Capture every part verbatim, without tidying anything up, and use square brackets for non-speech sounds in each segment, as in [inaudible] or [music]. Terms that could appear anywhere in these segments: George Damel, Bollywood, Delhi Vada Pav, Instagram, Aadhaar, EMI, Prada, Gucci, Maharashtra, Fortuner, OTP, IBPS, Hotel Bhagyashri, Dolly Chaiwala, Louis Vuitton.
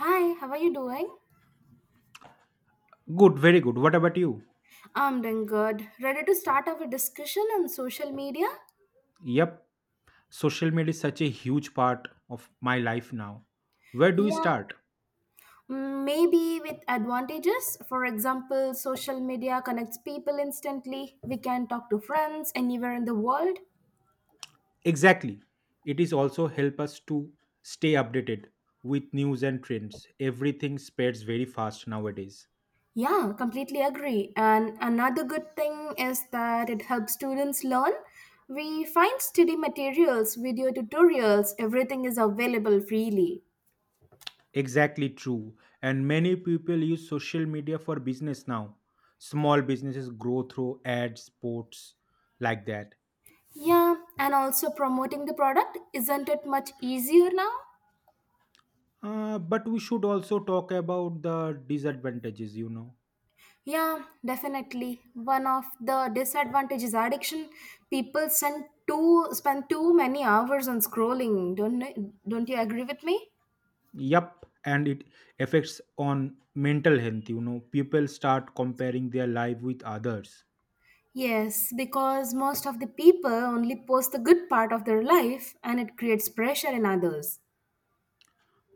Hi, how are you doing? Good, very good. What about you? I'm doing good. Ready to start our discussion on social media? Yep, social media is such a huge part of my life now. Where do we Yeah, start? mm, maybe with advantages. For example, social media connects people instantly. We can talk to friends anywhere in the world. Exactly. It is also help us to stay updated with news and trends. Everything spreads very fast nowadays. Yeah, completely agree. And another good thing is that it helps students learn. We find study materials, video tutorials, everything is available freely. Exactly true. And many people use social media for business now. Small businesses grow through ads, posts like that. Yeah, and also promoting the product, isn't it much easier now? Uh, but we should also talk about the disadvantages, you know. Yeah, definitely. One of the disadvantages is addiction. People send too spend too many hours on scrolling. Don't don't you agree with me? Yup, and it affects on mental health. You know, people start comparing their life with others. Yes, because most of the people only post the good part of their life and it creates pressure in others.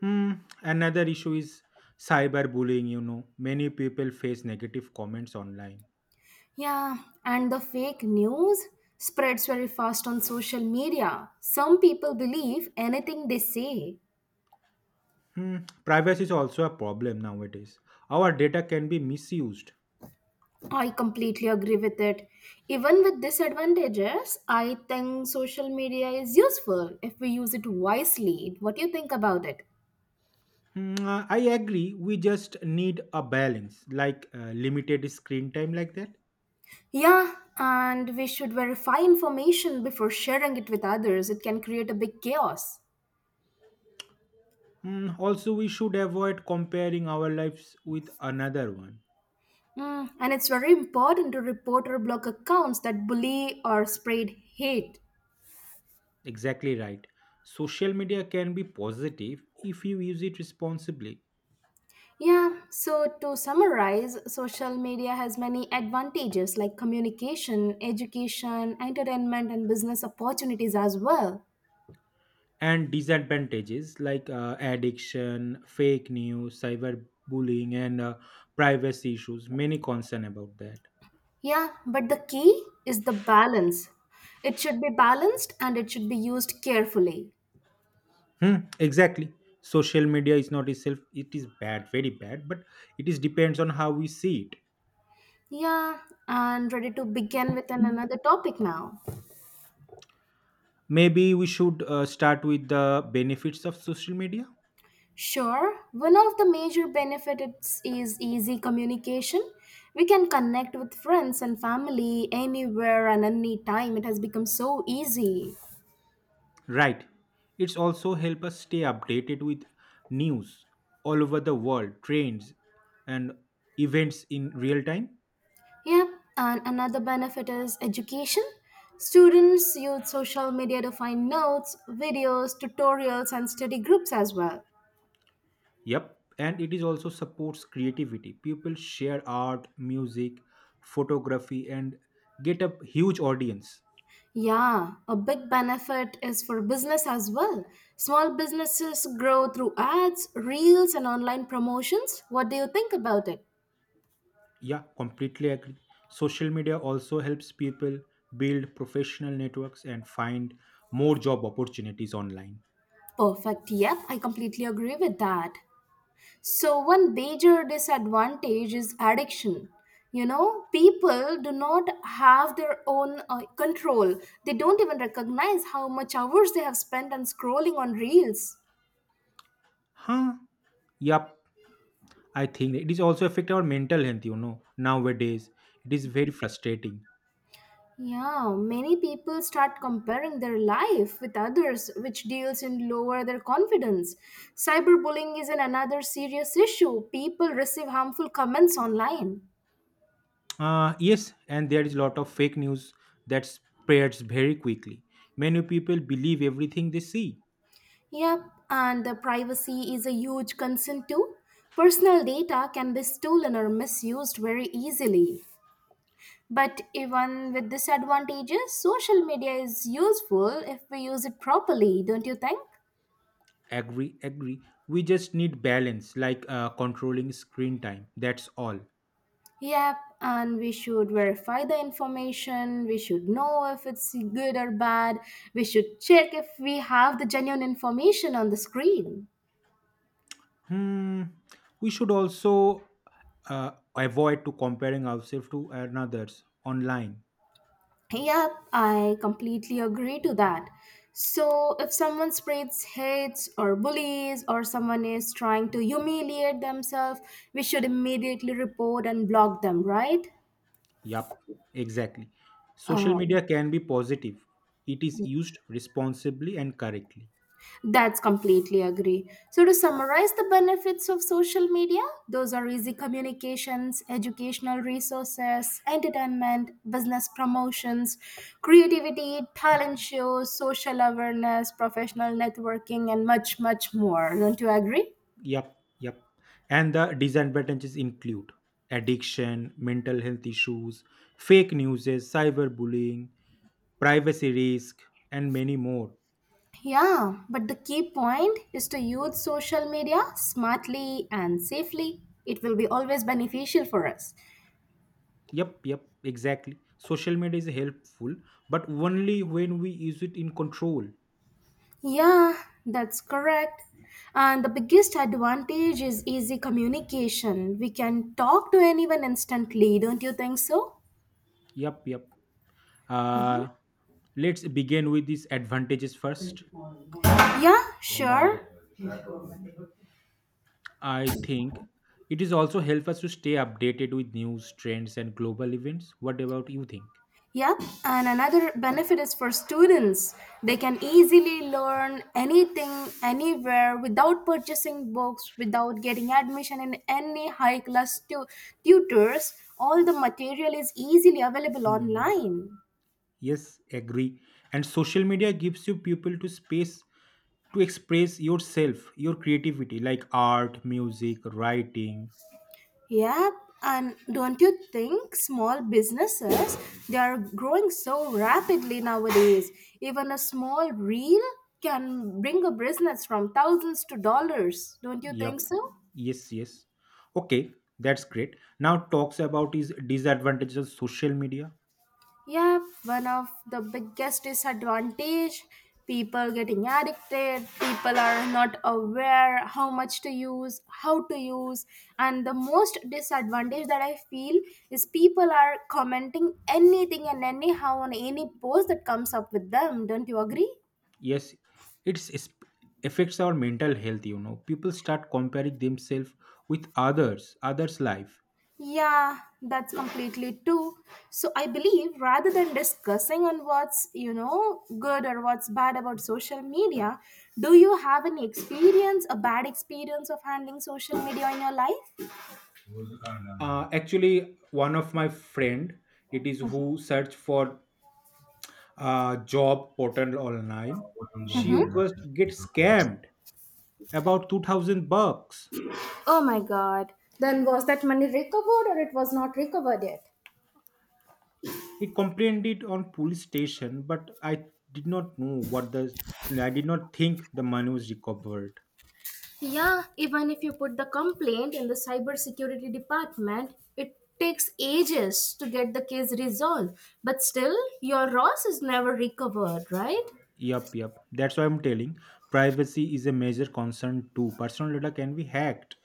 Hmm. Another issue is cyberbullying. You know, many people face negative comments online. Yeah, and the fake news spreads very fast on social media. Some people believe anything they say. Hmm. Privacy is also a problem nowadays. Our data can be misused. I completely agree with it. Even with disadvantages, I think social media is useful if we use it wisely. What do you think about it? Hmm, uh, I agree. We just need a balance, like uh, limited screen time, like that. Yeah, and we should verify information before sharing it with others. It can create a big chaos. Hmm, also, we should avoid comparing our lives with another one. Mm, and it's very important to report or block accounts that bully or spread hate. Exactly right. Social media can be positive if you use it responsibly. Yeah, so to summarize, social media has many advantages like communication, education, entertainment, and business opportunities as well. And disadvantages like uh, addiction, fake news, cyberbullying, and uh, privacy issues, many concern about that. Yeah, but the key is the balance. It should be balanced and it should be used carefully. Hmm, exactly. Social media is not itself, it is bad, very bad, but it is depends on how we see it. Yeah, and ready to begin with an- another topic now. Maybe we should uh, start with the benefits of social media. Sure, one of the major benefits is easy communication. We can connect with friends and family anywhere and any time. It has become so easy. Right. It's also help us stay updated with news all over the world, trends and events in real time. Yep, and another benefit is education. Students use social media to find notes, videos, tutorials, and study groups as well. Yep. And it is also supports creativity. People share art, music, photography and get a huge audience. Yeah, a big benefit is for business as well. Small businesses grow through ads, reels, and online promotions. What do you think about it? Yeah, completely agree. Social media also helps people build professional networks and find more job opportunities online. Perfect. Yep, I completely agree with that. So, one major disadvantage is addiction. You know, people do not have their own uh, control. They don't even recognize how much hours they have spent on scrolling on reels. Huh? Yep. I think it is also affect our mental health, you know, nowadays. It is very frustrating. Yeah, many people start comparing their life with others, which deals in lower their confidence. Cyberbullying is an another serious issue. People receive harmful comments online. Uh, yes, and there is a lot of fake news that spreads very quickly. Many people believe everything they see. Yep, and the privacy is a huge concern too. Personal data can be stolen or misused very easily. But even with disadvantages, social media is useful if we use it properly, don't you think? Agree, agree. We just need balance, like uh, controlling screen time. That's all. Yep, and we should verify the information. We should know if it's good or bad. We should check if we have the genuine information on the screen. Hmm. We should also uh, avoid to comparing ourselves to another's online. Yep, I completely agree to that. So, if someone spreads hates or bullies or someone is trying to humiliate themselves, we should immediately report and block them, right? Yup, exactly. Social Um, media can be positive. It is used responsibly and correctly. That's completely agree. So to summarize the benefits of social media, those are easy communications, educational resources, entertainment, business promotions, creativity, talent shows, social awareness, professional networking and much much more. Don't you agree? Yup, yup. And the disadvantages include addiction, mental health issues, fake news, cyberbullying, privacy risk, and many more. Yeah, but the key point is to use social media smartly and safely. It will be always beneficial for us. Yup, yup, exactly. Social media is helpful, but only when we use it in control. Yeah, that's correct. And the biggest advantage is easy communication. We can talk to anyone instantly, don't you think so? Yup, yup. Mhm. Uh, let's begin with these advantages first. Yeah, sure. I think it is also help us to stay updated with news, trends, and global events. What about you think? Yep. And another benefit is for students. They can easily learn anything, anywhere without purchasing books, without getting admission in any high class tu- tutors. All the material is easily available Hmm. online. Yes, agree. And social media gives you people to space to express yourself, your creativity, like art, music, writing. Yep, and don't you think small businesses they are growing so rapidly nowadays? Even a small reel can bring a business from thousands to dollars. Don't you think Yep. so? Yes, yes. Okay, that's great. Now talks about is disadvantages of social media. Yeah, one of the biggest disadvantage people getting addicted, people are not aware how much to use, how to use, and the most disadvantage that I feel is people are commenting anything and anyhow on any post that comes up with them. Don't you agree? Yes, it's it's- affects our mental health. You know people start comparing themselves with others others life. Yeah, that's completely true. So I believe rather than discussing on what's, you know, good or what's bad about social media, do you have any experience, a bad experience of handling social media in your life? Uh, actually, one of my friend it is who search for uh, job portal online. She just get scammed about two thousand bucks. Oh my god. Then was that money recovered or it was not recovered yet? He complained it on police station, but I did not know what the I did not think the money was recovered. Yeah, even if you put the complaint in the cybersecurity department, it takes ages to get the case resolved. But still, your loss is never recovered, right? Yup, yup. That's why I'm telling. Privacy is a major concern too. Personal data can be hacked.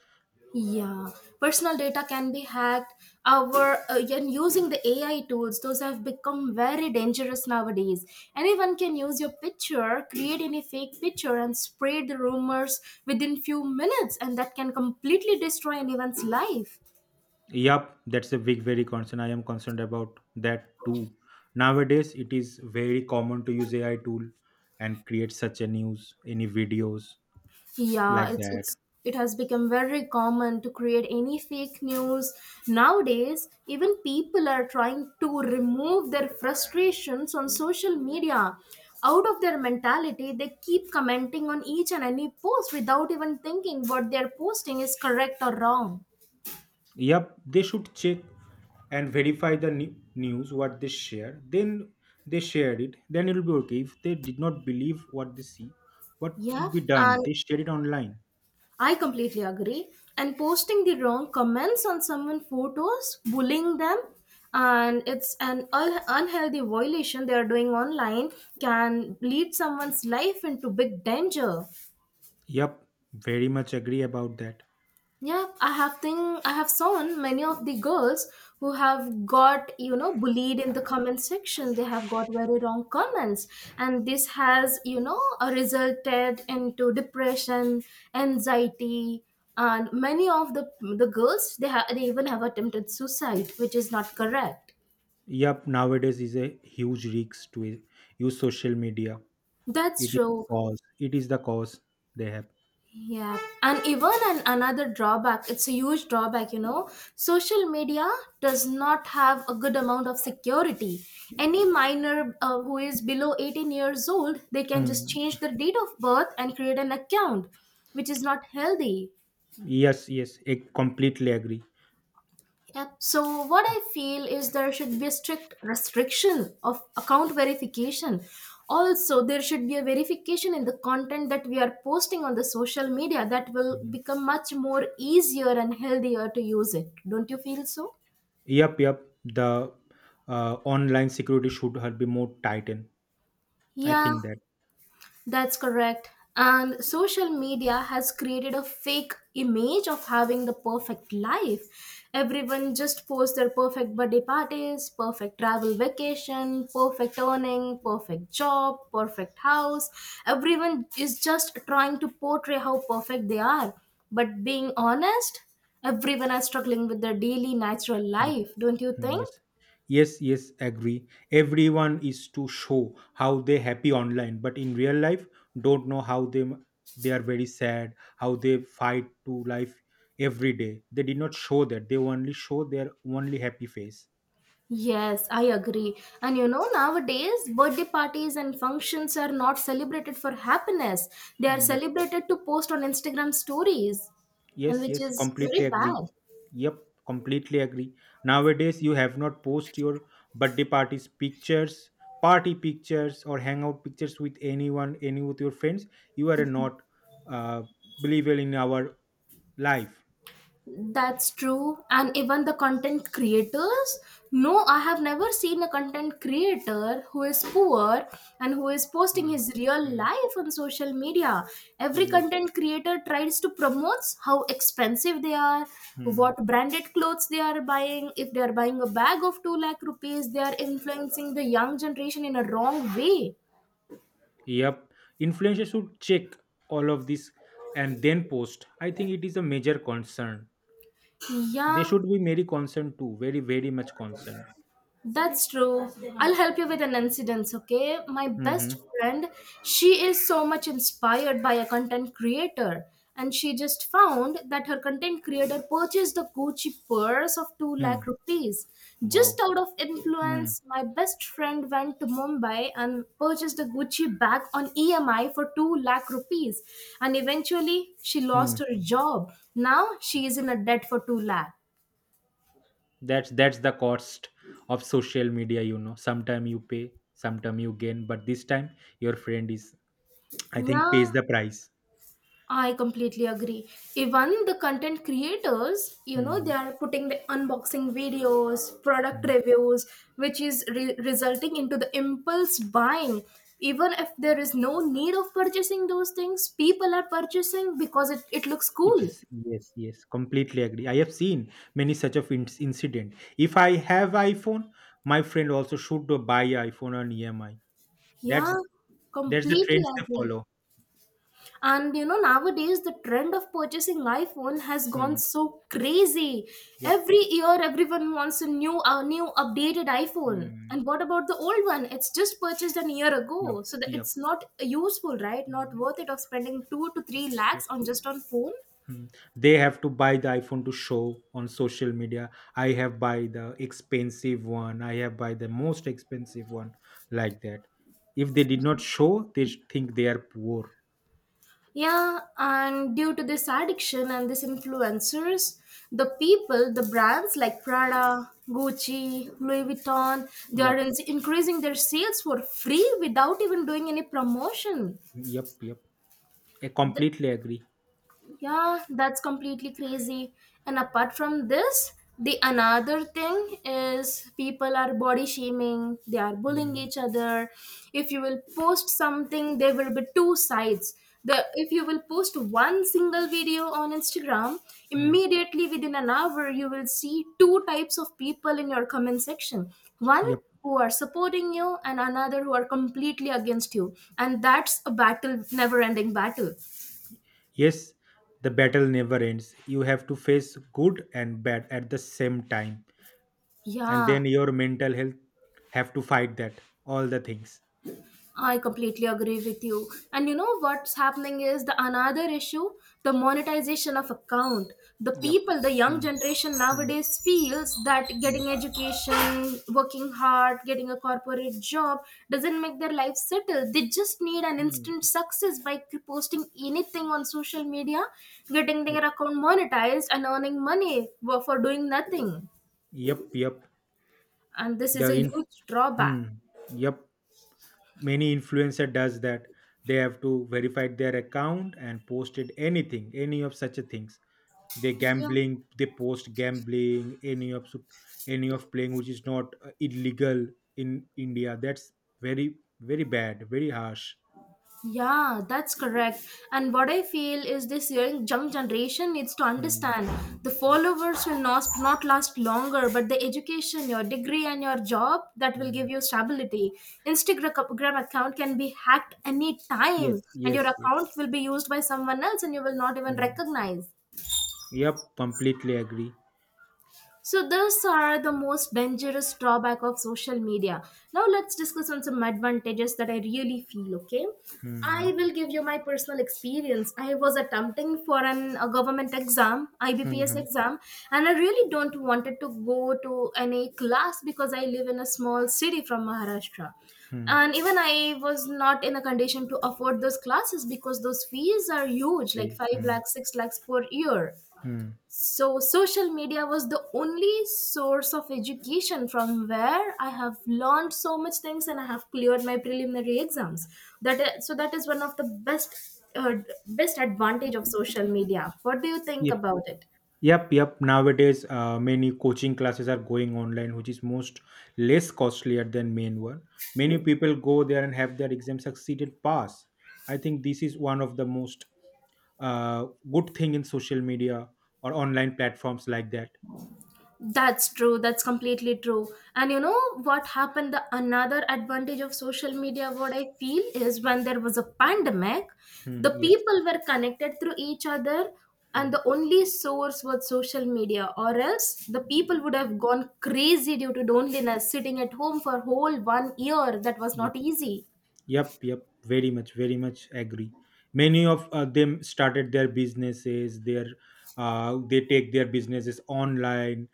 Yeah, personal data can be hacked. Our uh, and using the A I tools, those have become very dangerous nowadays. Anyone can use your picture, create any fake picture, and spread the rumors within few minutes, and that can completely destroy anyone's life. Yup, that's a big, very concern. I am concerned about that too. Nowadays, it is very common to use A I tool and create such a news, any videos Yeah, like it's that. it's it has become very common to create any fake news nowadays. Even people are trying to remove their frustrations on social media. Out of their mentality, they keep commenting on each and any post without even thinking what they're posting is correct or wrong. Yup, they should check and verify the ne- news what they share. Then they shared it. Then it will be okay. If they did not believe what they see, what Yeah, could be done? and They share it online. I completely agree. And posting the wrong comments on someone's photos, bullying them, and it's an un- unhealthy violation they are doing online can lead someone's life into big danger. Yup, very much agree about that. Yeah, I have think I have seen many of the girls who have got you know bullied in the comment section. They have got very wrong comments, and this has you know uh, resulted into depression, anxiety, and many of the the girls, they have they even have attempted suicide, which is not correct. Yup, nowadays is a huge risk to i- use social media. That's It is true. cause. It is the cause they have. Yeah, and even an, another drawback, it's a huge drawback, you know. Social media does not have a good amount of security. Any minor uh, who is below eighteen years old, they can just Mm. change their date of birth and create an account, which is not healthy. Yes, yes, I completely agree. Yep. So what I feel is there should be a strict restriction of account verification. Also, there should be a verification in the content that we are posting on the social media that will become much more easier and healthier to use it. Don't you feel so? Yup, yup. The uh, online security should have be more tightened. I Yeah. think that. That's correct. And social media has created a fake image of having the perfect life. Everyone just posts their perfect birthday parties, perfect travel vacation, perfect earning, perfect job, perfect house. Everyone is just trying to portray how perfect they are. But being honest, everyone is struggling with their daily natural life, don't you Mm, think? yes, yes, yes, agree. Everyone is to show how they happy online, but in real life, don't know how they they are very sad, how they fight to life every day. They did not show that. They only show their only happy face. Yes, I agree. And you know, nowadays, birthday parties and functions are not celebrated for happiness. They are Mm, yeah. celebrated to post on Instagram stories, and Yes, which yes, is completely very agree. bad. Yep, completely agree. Nowadays, you have not post your birthday parties pictures, party pictures, or hangout pictures with anyone, any with your friends. You are a not uh, believer in our life. That's true. And even the content creators. No, I have never seen a content creator who is poor and who is posting Mm, his real mm, life on social media. Every mm, yep. content creator tries to promote how expensive they are, what Mm. branded clothes they are buying. If they are buying a bag of two lakh rupees, they are influencing the young generation in a wrong way. Yep. Influencers should check all of this and then post. I think it is a major concern. They Yeah, should be very concerned too. Very, very much concerned. that's true. I'll help you with an incident, okay? My best Mm-hmm. friend, she is so much inspired by a content creator, and she just found that her content creator purchased a Gucci purse of two lakh Mm. rupees. Just Wow. out of influence, my best friend went to Mumbai and purchased a Gucci bag on E M I for two lakh rupees, and eventually she lost Mm. her job. Now she is in a debt for two lakh. that's that's the cost of social media, you know sometime you pay, sometime you gain, but this time your friend is, I think, Yeah, pays the price. I completely agree. Even the content creators, you know, they Hmm, are putting the unboxing videos, product hmm. reviews, which is re- resulting into the impulse buying. Even if there is no need of purchasing those things, people are purchasing because it, it looks It cool. is, yes, yes, completely agree. I have seen many such of in- incident. If I have iPhone, my friend also should buy iPhone on E M I. Yeah, that's that's the completely trends they agree. follow. And you know, nowadays the trend of purchasing iphone has gone Hmm, so crazy. yep. Every year everyone wants a new a new updated iphone. And Hmm, what about the old one? It's just purchased an year ago, yep, so that yep. it's not useful, right? Not Hmm, worth it of spending two to three lakhs yes. on just on phone. Hmm. They have to buy the iPhone to show on social media. I have buy the expensive one. I have buy the most expensive one like that. If they did not show, they think they are poor. Yeah, and due to this addiction and these influencers, the people, the brands like Prada, Gucci, Louis Vuitton, they are Yep, in- increasing their sales for free without even doing any promotion. yep, yep. I completely agree. Yeah, that's completely crazy. And apart from this, the another thing is people are body shaming, they are bullying Hmm. each other. If you will post something, there will be two sides. The if you will post one single video on Instagram, Hmm. immediately within an hour you will see two types of people in your comment section. One Yep. who are supporting you and another who are completely against you. And that's a battle, never ending battle. Yes, the battle never ends. You have to face good and bad at the same time, and Yeah, then your mental health have to fight that all the things. I completely agree with you. And you know what's happening is the another issue, the monetization of account. The Yep. people, the young Hmm. generation Hmm. nowadays feels that Hmm. getting education, working hard, getting a corporate job doesn't make their life settle. They just need an instant success by posting anything on social media, getting Hmm. their account monetized and earning money for for doing nothing. Yep, yep. And this is The a in huge drawback. hmm, yep, many influencer does that. They have to verify their account and posted anything, any of such a things. They Yeah. gambling, they post gambling, any of su- any of playing which is not uh, illegal in India. That's very very bad, very harsh. Yeah, that's correct. And what I feel is this young young generation needs to Hmm, understand the hmm, followers will not, not last longer, but the education, your degree, and your job that will hmm. give you stability. Instagram account can be hacked any time, Yes, and your yes, yes. account will be used by someone else, and you will not even Hmm. recognize. Yep, completely agree. So those are the most dangerous drawback of social media. Now let's discuss on some advantages that I really feel, okay? Hmm, I will give you my personal experience. I was attempting for an, a government exam, hmm, I B P S hmm, exam, and I really don't wanted to go to any class because I live in a small city from Maharashtra. hmm. And even I was not in a condition to afford those classes because those fees are huge, like Very. five Hmm, lakhs, six lakhs per year. hmm. So social media was the only source of education from where I have learned so much things and I have cleared my preliminary exams. That is, so that is one of the best uh, best advantage of social media. What do you think Yep. about it? Yep, yep. Nowadays, uh, many coaching classes are going online, which is most less costlier than main one. Many people go there and have their exam succeeded pass. I think this is one of the most uh, good thing in social media or online platforms like that. That's true. That's completely true. And you know what happened? The another advantage of social media, what I feel is when there was a pandemic, the Hmm, yes. people were connected through each other, and Hmm, the only source was social media, or else the people would have gone crazy due to loneliness, sitting at home for whole one year. That was yeah. not easy. Yep, yep, very much, very much agree. Many of uh, them started their businesses, their uh, they take their businesses online,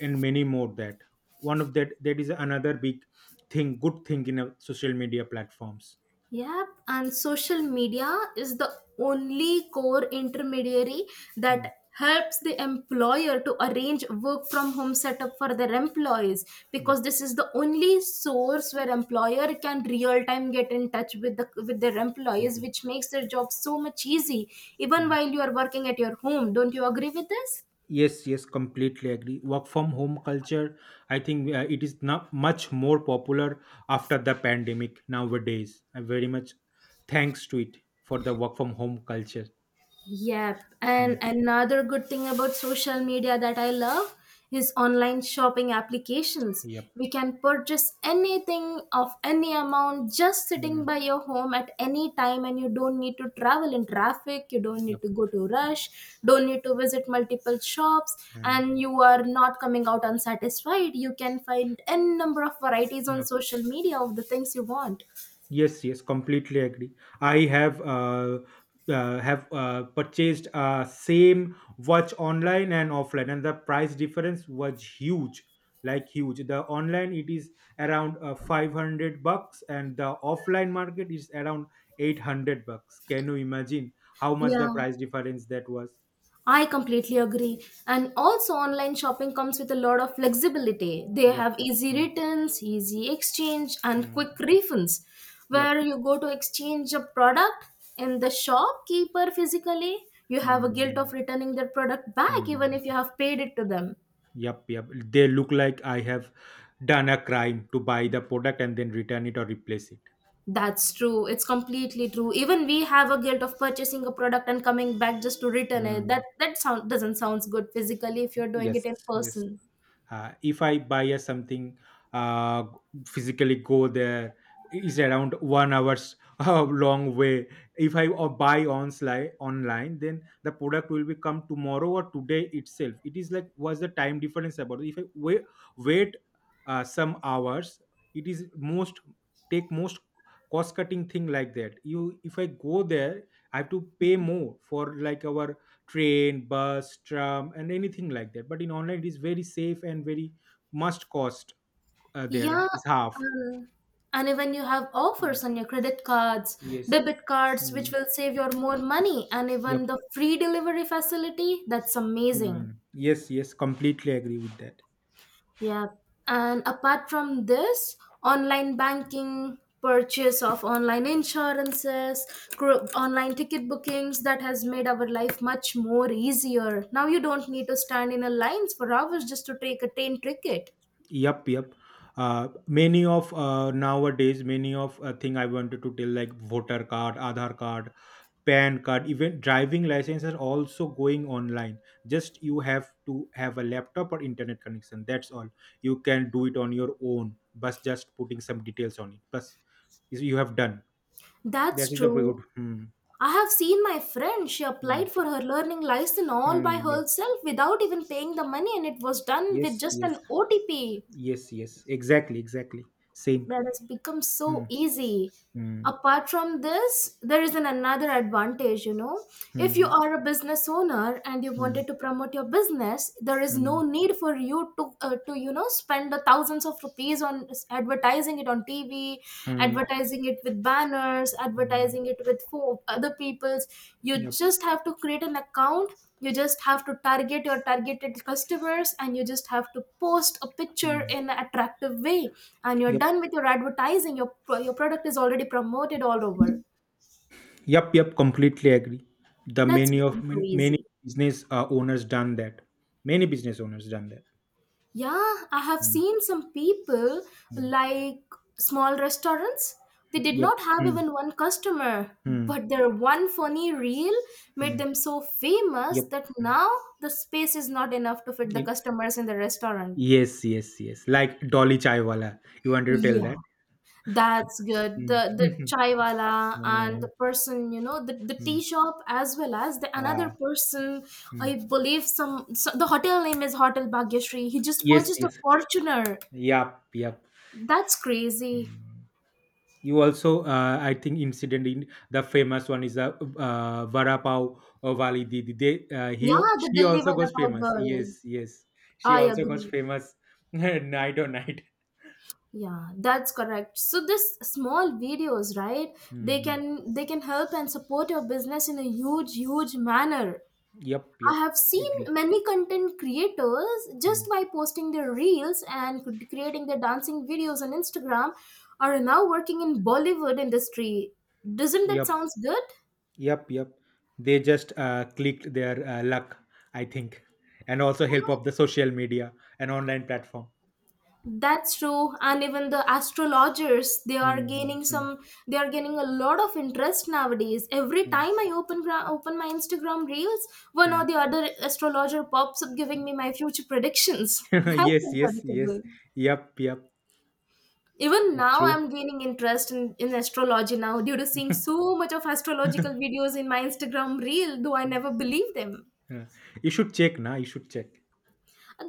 and many more that. One of that that is another big thing, good thing in uh, social media platforms. Yep, and social media is the only core intermediary Mm, that helps the employer to arrange work from home setup for their employees, yep. because this is the only source where employer can real time get in touch with the with their employees, which Okay. makes their job so much easy even Mm. while you are working at your home. Don't you agree with this? Yes, yes, completely agree. Work from home culture, I think uh, it is not much more popular after the pandemic nowadays. I very much thanks to it for the work from home culture. Yep. Hmm. And another good thing about social media that I love is online shopping applications. Yep. We can purchase anything of any amount just sitting Mm, by your home at any time, and you don't need to travel in traffic, you don't yep. need to go to rush, don't need to visit multiple shops, Mm, and you are not coming out unsatisfied. You can find n number of varieties on yep. social media of the things you want. Yes. Yes. Completely agree. I have uh, uh have uh, purchased uh same watch online and offline, and the price difference was huge, like huge. The online it is around uh, five hundred bucks, and the offline market is around eight hundred bucks. Can you imagine how much Yeah. the price difference that was? I completely agree. And also, online shopping comes with a lot of flexibility. They Yep. have easy Mm, returns, easy exchange, and mm, quick refunds. Where yep. you go to exchange a product in the shopkeeper physically, you have a guilt of Mm, returning their product back even if you mm. have paid it to them. Yep, yep. They look like I have done a crime to buy the product and then return it or replace it. That's true. It's completely true. Even we have a guilt of purchasing a product and coming back just to return it. Mm. That that sound doesn't sounds good physically if you're doing it Yes, in yes. person. Uh, if I buy a something, uh, physically go there is around one hours [laughs] uh, long way. If I uh, buy online online, then the product will be come tomorrow or today itself. It is like what's the time difference about? If I wait, wait uh, some hours, it is most take most cost cutting thing like that. You if I go there I have to pay more for like our train, bus, tram, and anything like that. But in online, it is very safe and very must cost. Uh, Yeah, There is half. um, and even you have Mm. offers on your credit cards, Yes. debit cards, which Mm. will save your more money, and even Yep. the free delivery facility, that's amazing. Mm. Yes. Yes. Completely agree with that. Yeah. And apart from this, online banking, purchase of online insurances, cr- online ticket bookings, that has made our life much more easier. Now you don't need to stand in a lines for hours just to take a train ticket. Yep. Yep. Uh, many of uh, nowadays, many of uh, thing I wanted to tell like voter card, Aadhaar card, pan card, even driving license are also going online. Just you have to have a laptop or internet connection. That's all. You can do it on your own but just putting some details on it. Plus you have done That's that Is a very true. good hmm, I have seen my friend. She Hmm, applied for her learning license all by hmm, yep. herself without even paying the money, and it was done with Yes, just yes, an O T P. yes. Yes, Exactly, exactly, same. That has become Hmm, so easy. hmm, Apart from this, there is an another advantage, you know, if you hmm, are a business owner and you hmm, wanted to promote your business, there is no hmm, need for you to uh, to you know spend the thousands of rupees on advertising it on tv, hmm, hmm, advertising it with banners, hmm. advertising it with fo- other people's. You Yep. just have to create an account, you just have to target your targeted customers, and you just have to post a picture Hmm, in an attractive way, and you're yep. done with your advertising. your your product is already promoted all over. Yep, yep, completely agree. The That's many of become so man- many easy. business uh, owners done that. Many business owners done that. Yeah, I have Mm, seen some people mm. like small restaurants. They did Yep. not have Mm, even one customer, mm, but their one funny reel made mm. them so famous Yep. that Mm. now the space is not enough to fit the Y- customers in the restaurant. Yes, yes, yes. Like Dolly Chaiwala. You wanted to tell Yeah. that? That's good. The Mm. the [laughs] chaiwala and the Mm, person, you know, the, the tea mm. shop as well as the Ah, another person, I mm. believe some, so the hotel name is Hotel Bhagyashri. He just Yes, purchased a yes. Fortuner. Yep, yep. That's crazy. Mm. You also uh, I think incident in the famous one is the uh, varapau vali didi they uh, he Yeah, the she Delhi also Vada got Pav famous. Yes, girl. yes. She I also got agree. famous. [laughs] Night or night. Yeah, that's correct. So this small videos, right? They Hmm. can they can help and support your business in a huge, huge manner. Yep, I yep, have seen agree. many content creators just Mm. by posting their reels and cr- creating their dancing videos on Instagram are now working in Bollywood industry. Doesn't that Yep, sounds good? yep, yep. They just uh, clicked their uh, luck, I think, and also help of the social media and online platform. That's true. And even the astrologers, they are Hmm, gaining hmm, some, they are gaining a lot of interest nowadays. Every hmm, time I open gra- open my Instagram reels, one or the other astrologer pops up giving me my future predictions. [laughs] hmm. [laughs] That's Yes, yes, yes. incredible. Yep, yep. Even It's now, true. I'm gaining interest in, in astrology now due to seeing so much of astrological [laughs] videos in my Instagram reel, though I never believe them. Yeah. You should check na, you should check.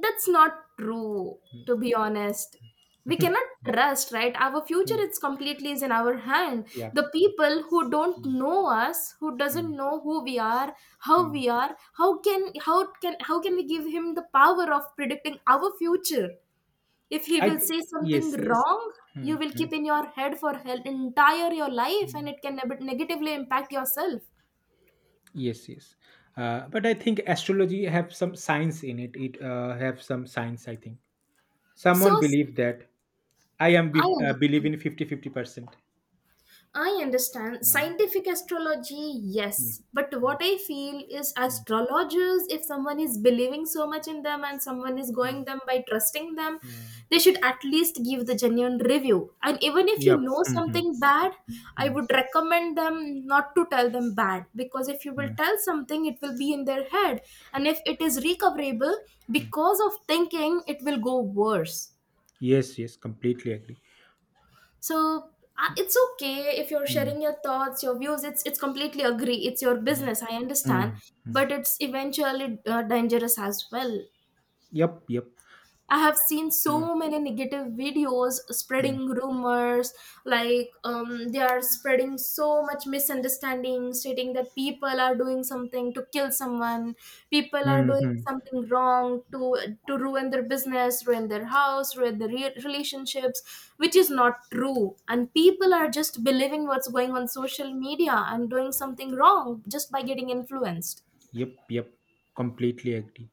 That's not true, Mm. to be honest. We cannot [laughs] trust, right? Our future Mm. it's completely is in our hand. Yeah. The Yeah. people who don't Mm, know us, who doesn't mm, know who we are, how mm. we are, how can how can how can we give him the power of predicting our future? If he I will think say something yes, yes. wrong, you Mm, will keep mm, in your head for hell entire your life and mm. it can neb- negatively impact yourself. Yes, yes. Uh, but I think astrology have some science in it. It uh, have some science, I think. So Someone s- believe that. I am I be- uh, believe understand. in fifty fifty percent. I understand. Yeah. Scientific astrology, Mm, yes. But mm, what I feel is mm, astrologers, if someone is believing so much in them and someone is going them by trusting them, they mm. should at least give the genuine review. And even if you Yep. know Mm-hmm. something bad, I Mm, would recommend them not to tell them bad because if you will mm, tell something, it will be in their head. And if it is recoverable, mm. because of thinking, it will go worse. Yes, yes, completely agree. So uh, it's okay if you're Mm, sharing your thoughts, your views, it's it's completely agree, it's your mm, business, I understand, mm, mm. but it's eventually uh, dangerous as well. Yep, yep. I have seen Mm, so many negative videos mm. spreading rumors, like um, they are spreading so much misunderstanding, stating that people are doing something to kill someone, people are doing Mhm. something wrong to to ruin their business, ruin their house, ruin their re- relationships, which is not true. And people are just believing what's going on social media and doing something wrong just by getting influenced. Yep, yep. Completely agree.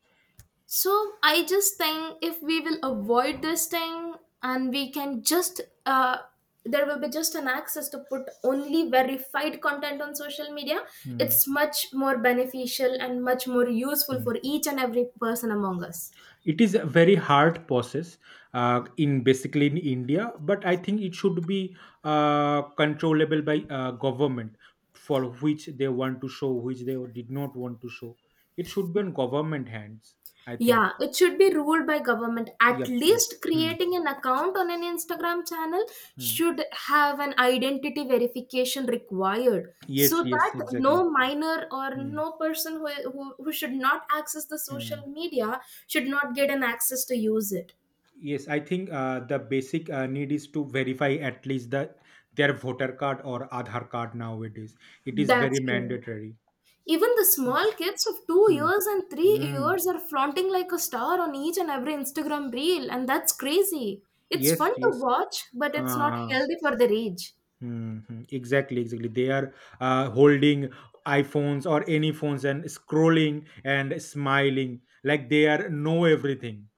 So I just think if we will avoid this thing, and we can just uh, there will be just an access to put only verified content on social media. Mm, It's much more beneficial and much more useful mm. for each and every person among us. It is a very hard process uh, in basically in India, but I think it should be uh, controllable by uh, government for which they want to show, which they did not want to show. It should be on government hands, I think. Yeah, it should be ruled by government. At Yep, yep. least Mm, creating an account on an Instagram channel mm. should have an identity verification required so Yes, yes, that exactly. no minor or Mm, no person who, who, who should not access the social mm. media should not get an access to use it. Yes, I think uh, the basic uh, need is to verify at least the their voter card or Aadhaar card nowadays. It is That's very true. mandatory. Even the It small is. kids of two Hmm. years and three Hmm. years are flaunting like a star on each and every Instagram reel, and that's crazy. It's Yes. fun to Yes. watch, but it's not Uh, healthy for their age. hmm, hmm. Exactly. Exactly. They are uh, holding iPhones or any phones and scrolling and smiling like they are know everything.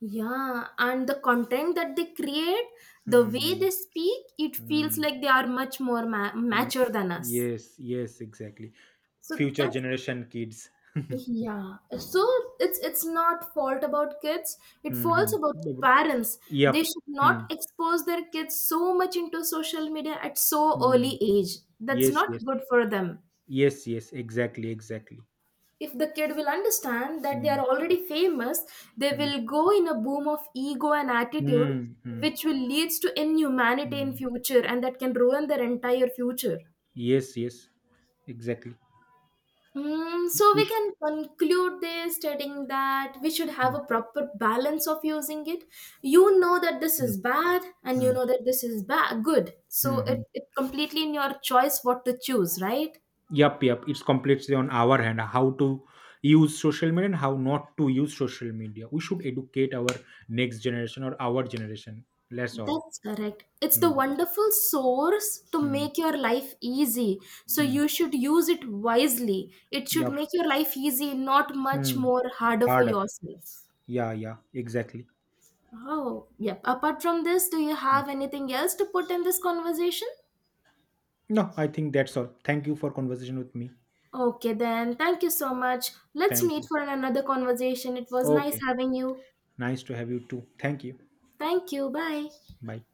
Yeah, and the content that they create, the Hmm. way Hmm. they speak, it feels Hmm. like they are much more ma- Hmm. mature than us. Yes. Yes. Exactly. So Future that's, generation kids. [laughs] yeah. So it's it's not fault about kids. It Hmm. falls about parents. Yep. They should Hmm. not expose their kids so much into social media at so Mm. early age. That's Yes, not yes. good for them. Yes, yes. Exactly, exactly. If the kid will understand that they are Hmm. already famous, they Hmm. will go in a boom of ego and attitude, Hmm. Hmm. which will leads to inhumanity in Mm. future, and that can ruin their entire future. Yes, yes. Exactly. Hmm, so We we should. can conclude this stating that we should have Hmm. a proper balance of using it. You know that this Hmm. is bad, and you Hmm. know that this is bad, good. Hmm. So it, Mm. it completely in your choice what to choose, right? Yep, yep. It's completely on our hand how to use social media and how not to use social media. We should educate our next generation or our generation. That's all. That's correct. It's the Hmm. wonderful source to Hmm. make your life easy. So Mm. you should use it wisely. It should Yep. make your life easy, not much Mm. more harder for Harder. yourself. Yeah, yeah. Exactly. Oh, yep. Apart from this, do you Mm. have anything else to put in this conversation? No, I think that's all. Thank you for conversation with me. Okay, then. Thank you so much. Let's Thank meet you. for another conversation. It was nice Okay. having you. Nice to have you too. Thank you. Thank you. Bye. Bye.